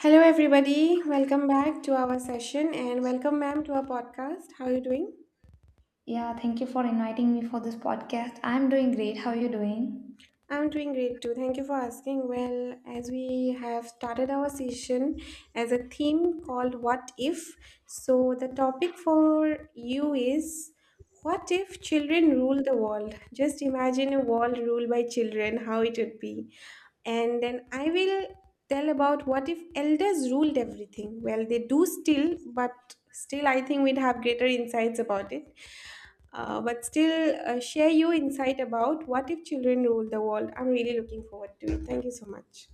Hello, everybody. Welcome back to our session and welcome, ma'am, to our podcast. How are you doing? Yeah, thank you for inviting me for this podcast. I'm doing great. How are you doing? I'm doing great too. Thank you for asking. Well, as we have started our session as a theme called What If? So, the topic for you is, what if children rule the world? Just imagine a world ruled by children, how it would be. And then I will tell about what if elders ruled everything. Well, they do still, but still, I think we'd have greater insights about it, but still, share your insight about what if children rule the world. I'm really looking forward to it. Thank you so much.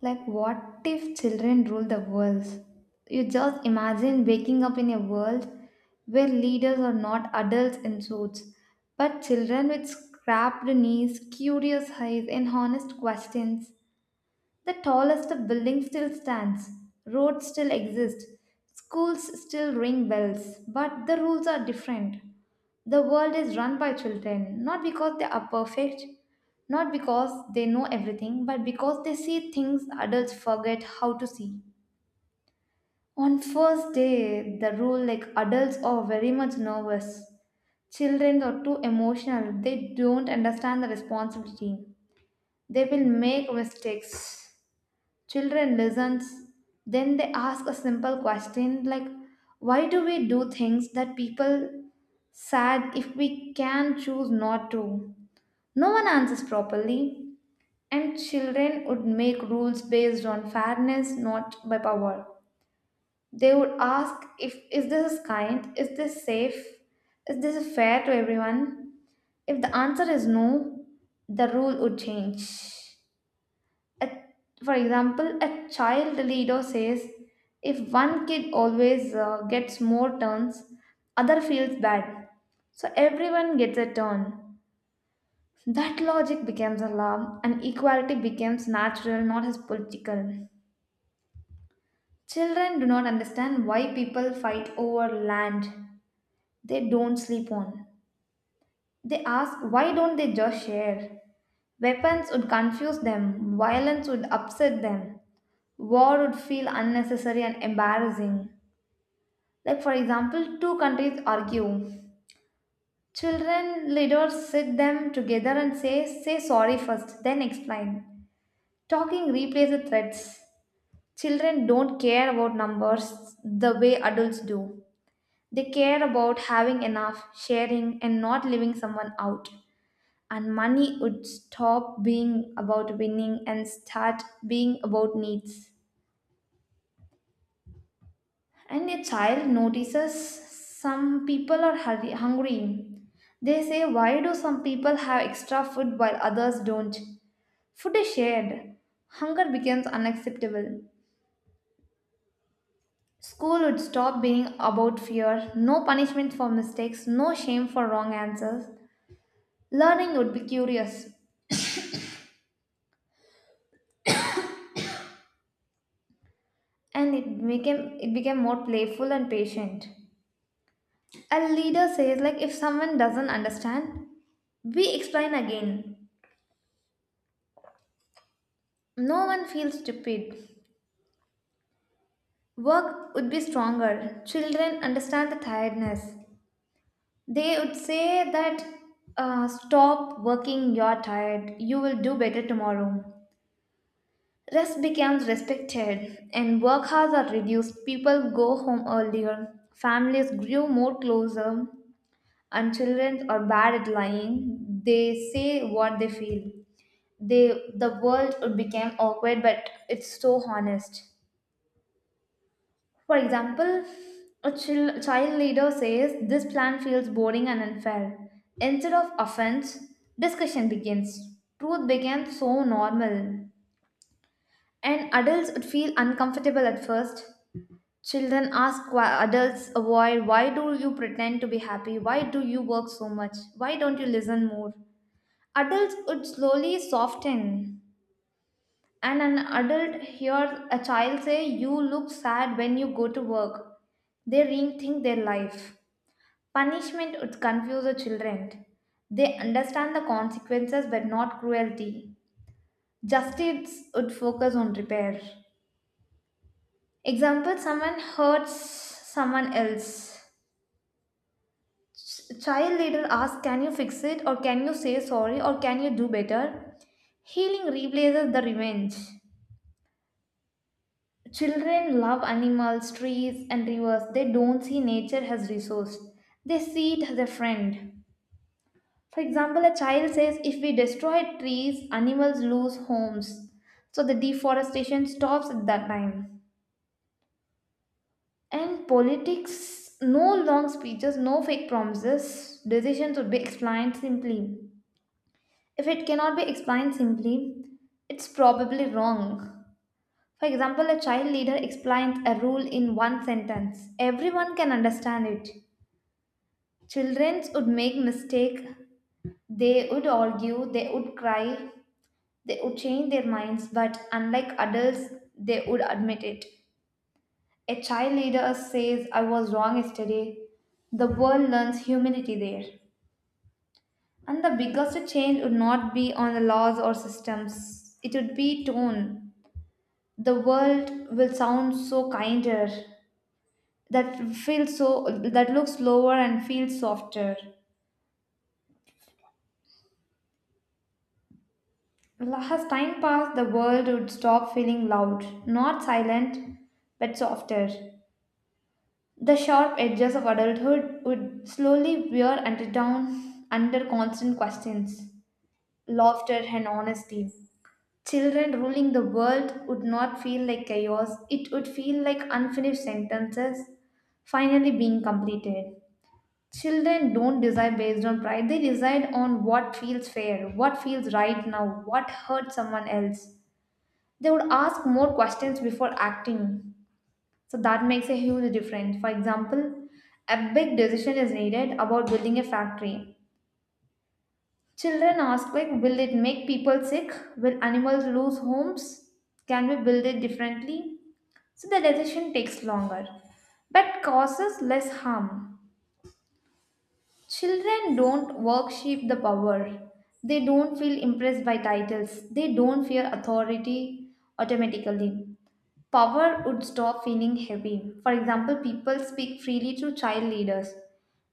Like, what if children rule the world? You just imagine waking up in a world where leaders are not adults in suits, but children with scrapped knees, curious eyes, and honest questions. The tallest of buildings still stands, roads still exist, schools still ring bells, but the rules are different. The world is run by children, not because they are perfect, not because they know everything, but because they see things adults forget how to see. On first day, the rule like adults are very much nervous. Children are too emotional. They don't understand the responsibility. They will make mistakes. Children listens, then they ask a simple question like, "Why do we do things that people sad if we can choose not to?" No one answers properly, and children would make rules based on fairness, not by power. They would ask if is this kind, is this safe, is this fair to everyone? If the answer is no, the rule would change. A, for example, a child leader says, if one kid always gets more turns, other feels bad. So everyone gets a turn. That logic becomes a law and equality becomes natural, not as political. Children do not understand why people fight over land they don't sleep on. They ask, why don't they just share? Weapons would confuse them, violence would upset them. War would feel unnecessary and embarrassing. Like, for example, two countries argue. Children leaders sit them together and say, say sorry first, then explain. Talking replaces threats. Children don't care about numbers the way adults do. They care about having enough, sharing, and not leaving someone out. And money would stop being about winning and start being about needs. And a child notices some people are hurry, hungry. They say, why do some people have extra food while others don't? Food is shared. Hunger becomes unacceptable. School would stop being about fear, no punishment for mistakes, no shame for wrong answers. Learning would be curious and it became more playful and patient. A leader says like if someone doesn't understand, we explain again. No one feels stupid. Work would be stronger. Children understand the tiredness. They would say that, stop working, you're tired, you will do better tomorrow. Rest becomes respected, and work hours are reduced. People go home earlier. Families grew more closer, and children are bad at lying. They say what they feel. The world would become awkward, but it's so honest. For example, a child leader says, this plan feels boring and unfair. Instead of offense, discussion begins. Truth becomes so normal. And adults would feel uncomfortable at first. Children ask why adults avoid why do you pretend to be happy? Why do you work so much? Why don't you listen more? Adults would slowly soften. And an adult hears a child say, you look sad when you go to work. They rethink their life. Punishment would confuse the children. They understand the consequences but not cruelty. Justice would focus on repair. Example someone hurts someone else. Child later asks, can you fix it? Or can you say sorry? Or can you do better? Healing replaces the revenge. Children love animals, trees, and rivers. They don't see nature as resource. They see it as a friend. For example, a child says if we destroy trees, animals lose homes. So the deforestation stops at that time. And politics, no long speeches, no fake promises. Decisions would be explained simply. If it cannot be explained simply, it's probably wrong. For example, a child leader explains a rule in one sentence. Everyone can understand it. Children would make mistake. They would argue. They would cry. They would change their minds, but unlike adults, they would admit it. A child leader says, I was wrong yesterday. The world learns humility there. And the biggest change would not be on the laws or systems, it would be tone. The world will sound so kinder, that feels so, that looks lower and feels softer. As time passed, the world would stop feeling loud, not silent, but softer. The sharp edges of adulthood would slowly wear and down under constant questions, laughter, and honesty. Children ruling the world would not feel like chaos, it would feel like unfinished sentences finally being completed. Children don't decide based on pride, they decide on what feels fair, what feels right now, what hurts someone else. They would ask more questions before acting. So that makes a huge difference. For example, a big decision is needed about building a factory. Children ask like, will it make people sick? Will animals lose homes? Can we build it differently? So the decision takes longer, but causes less harm. Children don't worship the power. They don't feel impressed by titles. They don't fear authority automatically. Power would stop feeling heavy. For example, people speak freely to child leaders.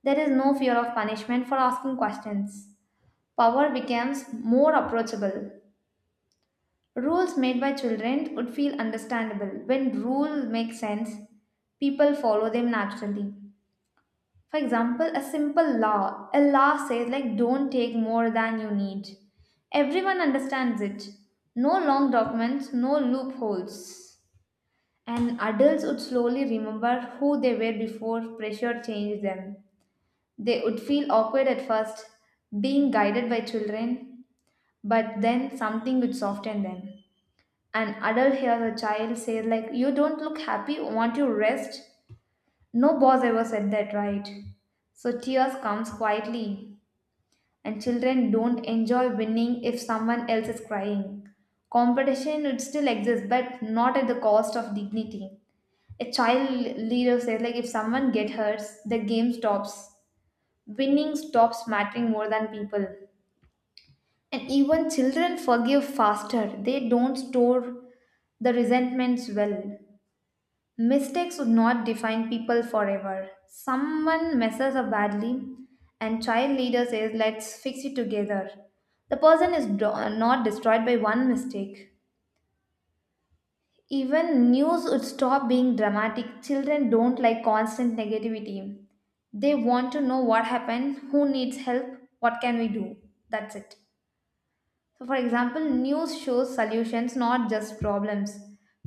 There is no fear of punishment for asking questions. Power becomes more approachable. Rules made by children would feel understandable. When rules make sense, people follow them naturally. For example, a simple law. A law says like don't take more than you need. Everyone understands it. No long documents, no loopholes. And adults would slowly remember who they were before pressure changed them. They would feel awkward at first, being guided by children, but then something would soften them. An adult hears a child say, like, you don't look happy, want you rest? No boss ever said that, right? So tears comes quietly and children don't enjoy winning if someone else is crying. Competition would still exist, but not at the cost of dignity. A child leader says, like, if someone gets hurt, the game stops. Winning stops mattering more than people. And even children forgive faster, they don't store the resentments well. Mistakes would not define people forever. Someone messes up badly, and child leader says, let's fix it together. The person is not destroyed by one mistake. Even news would stop being dramatic. Children don't like constant negativity. They want to know what happened, who needs help, what can we do. That's it. So, for example, news shows solutions, not just problems.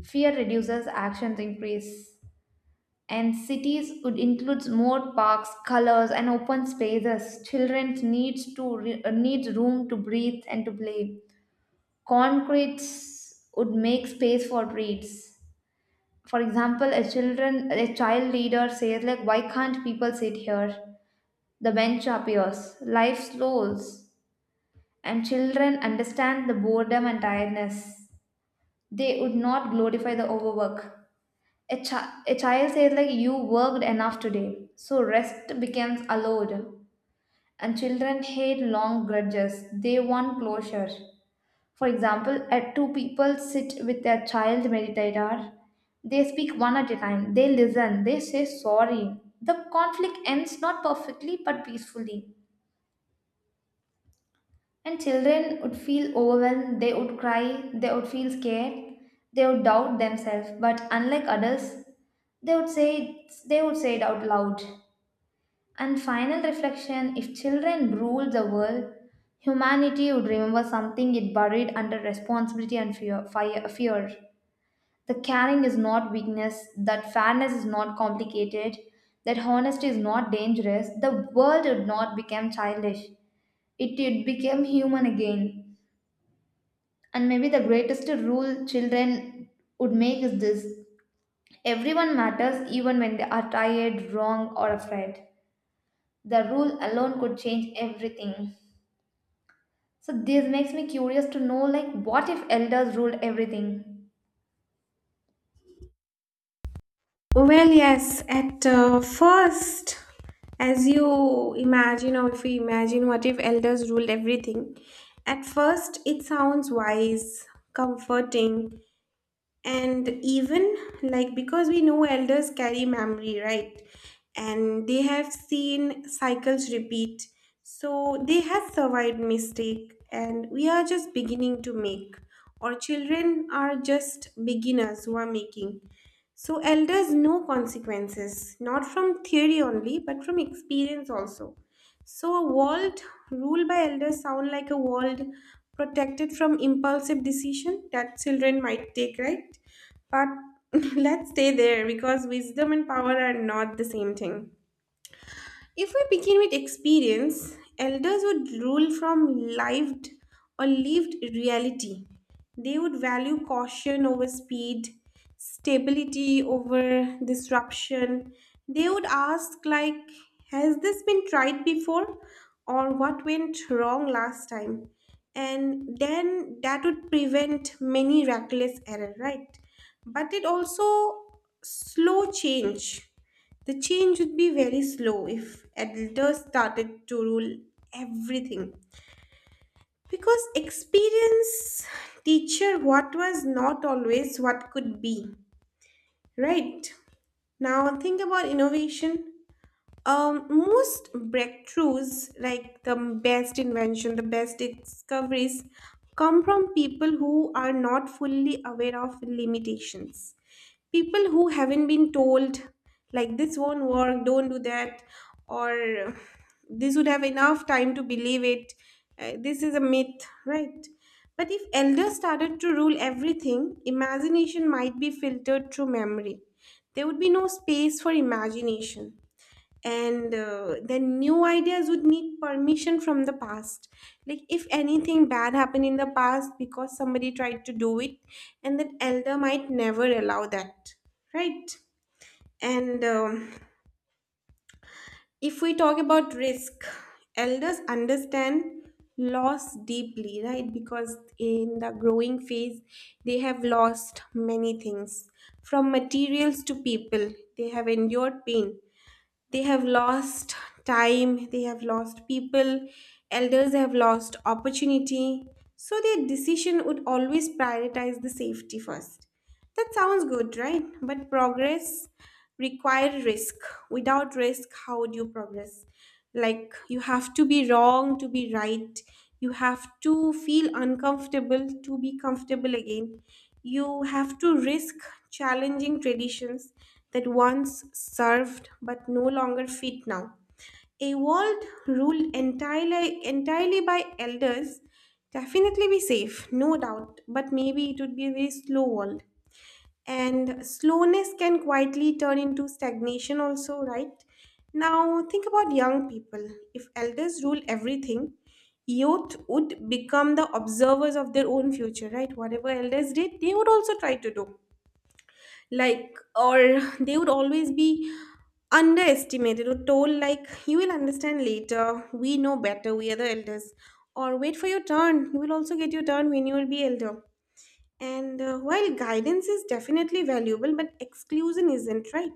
Fear reduces, actions increase. And cities would includes more parks, colors, and open spaces. Children needs to needs room to breathe and to play. Concretes would make space for treats. For example, a child leader says like, "Why can't people sit here?" The bench appears. Life slows, and children understand the boredom and tiredness. They would not glorify the overwork. A child says like you worked enough today so rest becomes allowed. And children hate long grudges, they want closure. For example, at two people sit with their child meditator, they speak one at a time, they listen, they say sorry, the conflict ends not perfectly but peacefully. And children would feel overwhelmed, they would cry, they would feel scared, they would doubt themselves. But unlike adults, they would say it, they would say it out loud. And final reflection if children ruled the world, humanity would remember something it buried under responsibility and fear. Fire, fear. The caring is not weakness, that fairness is not complicated, that honesty is not dangerous. The world would not become childish, it would become human again. And maybe the greatest rule children would make is this everyone matters even when they are tired, wrong, or afraid. The rule alone could change everything. So, this makes me curious to know like, what if elders ruled everything? Well, yes, at first, as you imagine, or if we imagine what if elders ruled everything, at first it sounds wise, comforting, and even like, because we know elders carry memory, right? And they have seen cycles repeat, so they have survived mistake, and we are just beginning to make, or children are just beginners who are making. So elders know consequences not from theory only, but from experience also. So a world ruled by elders sound like a world protected from impulsive decision that children might take, right? But let's stay there, because wisdom and power are not the same thing. If we begin with experience, elders would rule from lived, or lived reality. They would value caution over speed, stability over disruption. They would ask, like, has this been tried before? Or what went wrong last time? And then that would prevent many reckless error, right? But it also slow change. The change would be very slow if adults started to rule everything. Because experience teacher what was not always what could be. Right? Now think about innovation. Most breakthroughs, like the best invention, the best discoveries, come from people who are not fully aware of limitations. People who haven't been told, like, this won't work, don't do that, or this would have enough time to believe it. This is a myth, right? But if elders started to rule everything, imagination might be filtered through memory. There would be no space for imagination, and then new ideas would need permission from the past, like if anything bad happened in the past because somebody tried to do it, and that elder might never allow that, right? And if we talk about risk, elders understand loss deeply, right? Because in the growing phase they have lost many things, from materials to people. They have endured pain, they have lost time, they have lost people, elders have lost opportunity. So their decision would always prioritize the safety first. That sounds good, right? But progress require risk. Without risk, how would you progress? Like, you have to be wrong to be right. You have to feel uncomfortable to be comfortable again. You have to risk challenging traditions that once served but no longer fit now. A world ruled entirely by elders definitely be safe, no doubt, but maybe it would be a very slow world, and slowness can quietly turn into stagnation also, right? Now think about young people. If elders rule everything, youth would become the observers of their own future, right? Whatever elders did, they would also try to do, like, or they would always be underestimated or told, like, you will understand later, we know better, we are the elders, or wait for your turn, you will also get your turn when you will be elder. And while guidance is definitely valuable, but exclusion isn't, right?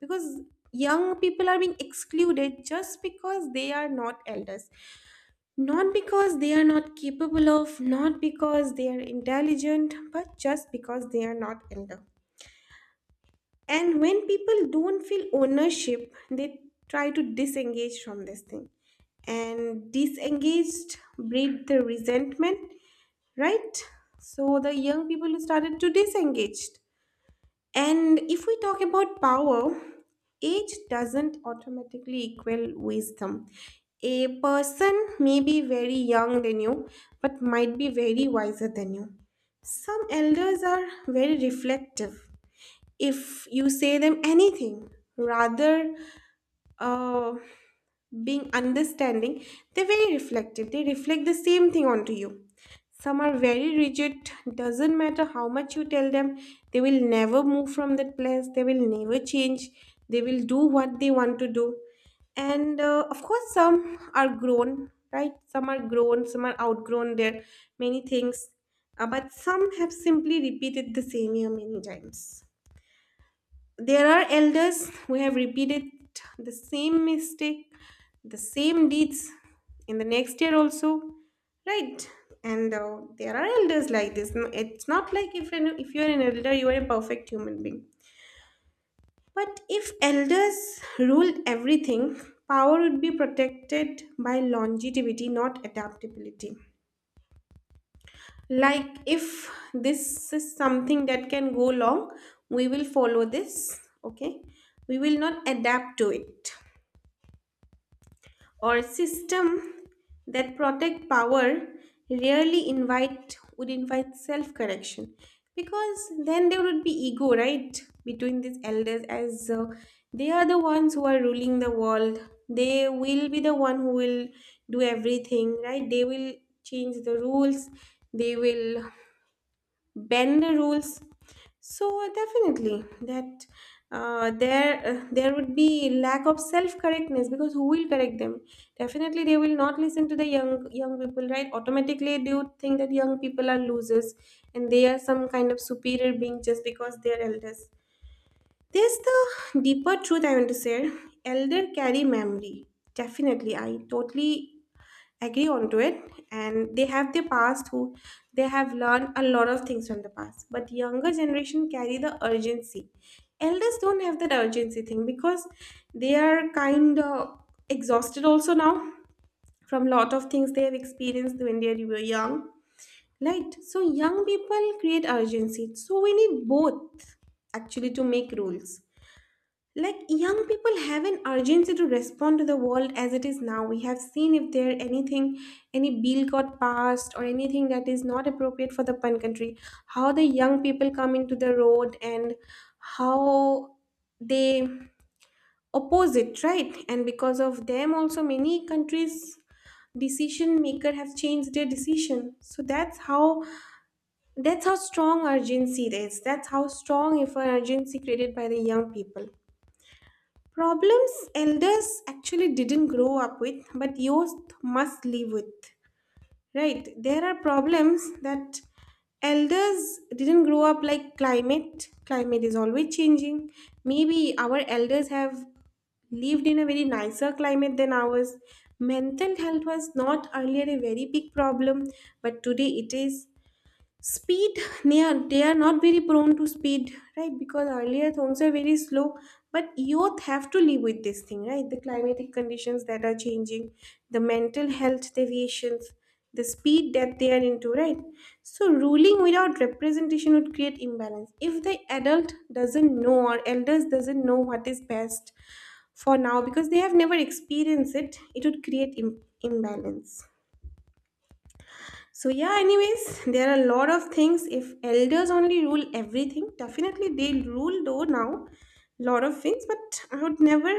Because young people are being excluded just because they are not elders, not because they are not capable of, not because they are intelligent, but just because they are not elder. And when people don't feel ownership, they try to disengage from this thing. And disengaged breed the resentment, right? So the young people started to disengage. And if we talk about power, age doesn't automatically equal wisdom. A person may be very young than you, but might be very wiser than you. Some elders are very reflective. If you say them anything, rather uh, being understanding, they're very reflective. They reflect the same thing onto you. Some are very rigid, doesn't matter how much you tell them, they will never move from that place, they will never change, they will do what they want to do. And of course, some are grown, right? Some are grown, some are outgrown their many things, but some have simply repeated the same year many times. There are elders who have repeated the same mistake, the same deeds in the next year also, right? And there are elders like this. No- It's not like if you're an elder, you are a perfect human being. But if elders ruled everything, power would be protected by longevity, not adaptability. Like, if this is something that can go long, we will follow this, okay? We will not adapt to it. Or system that protect power rarely invite would invite self-correction, because then there would be ego, right? Between these elders as they are the ones who are ruling the world. They will be the one who will do everything, right? They will change the rules. They will bend the rules, so definitely that, there there would be lack of self correctness, because who will correct them? Definitely they will not listen to the young people, right? Automatically they would think that young people are losers, and they are some kind of superior being just because they are elders. There's the deeper truth I want to share. Elder carry memory, definitely, I totally agree onto it, and they have their past, who they have learned a lot of things from the past. But younger generation carry the urgency. Elders don't have that urgency thing, because they are kind of exhausted also now from lot of things they have experienced when they were young, right? So young people create urgency, so we need both, actually, to make rules. Like, young people have an urgency to respond to the world as it is now. We have seen if there anything, any bill got passed or anything that is not appropriate for the pun country, how the young people come into the road and how they oppose it, right? And because of them also many countries decision maker have changed their decision. So that's how strong urgency is. That's how strong if an urgency created by the young people. Problems elders actually didn't grow up with, but youth must live with, right? There are problems that elders didn't grow up, like climate. Climate is always changing. Maybe our elders have lived in a very nicer climate than ours. Mental health was not earlier a very big problem, but today it is. Speed, they are not very prone to speed, right? Because earlier things are very slow, but youth have to live with this thing, right? The climatic conditions that are changing, the mental health deviations, the speed that they are into, right? So ruling without representation would create imbalance. If the adult doesn't know or elders doesn't know what is best for now because they have never experienced it, it would create imbalance. So yeah, anyways, there are a lot of things. If elders only rule everything, definitely they rule though now lot of things, but I would never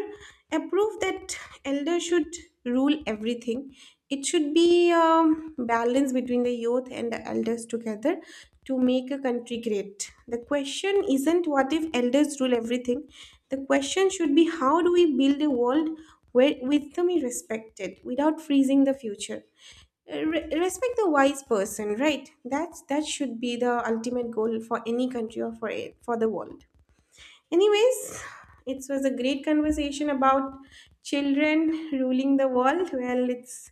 approve that elder should rule everything. It should be balance between the youth and the elders together to make a country great. The question isn't what if elders rule everything. The question should be, how do we build a world where wisdom is respected without freezing the future? Respect the wise person, right? That's that should be the ultimate goal for any country or for it, for the world. Anyways, it was a great conversation about children ruling the world. Well, it's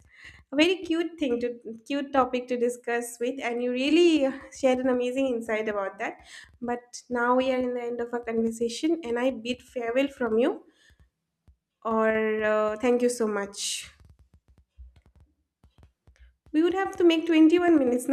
a very cute thing to cute topic to discuss with, and you really shared an amazing insight about that. But now we are in the end of our conversation, and I bid farewell from you. Or thank you so much. We would have to make 21 minutes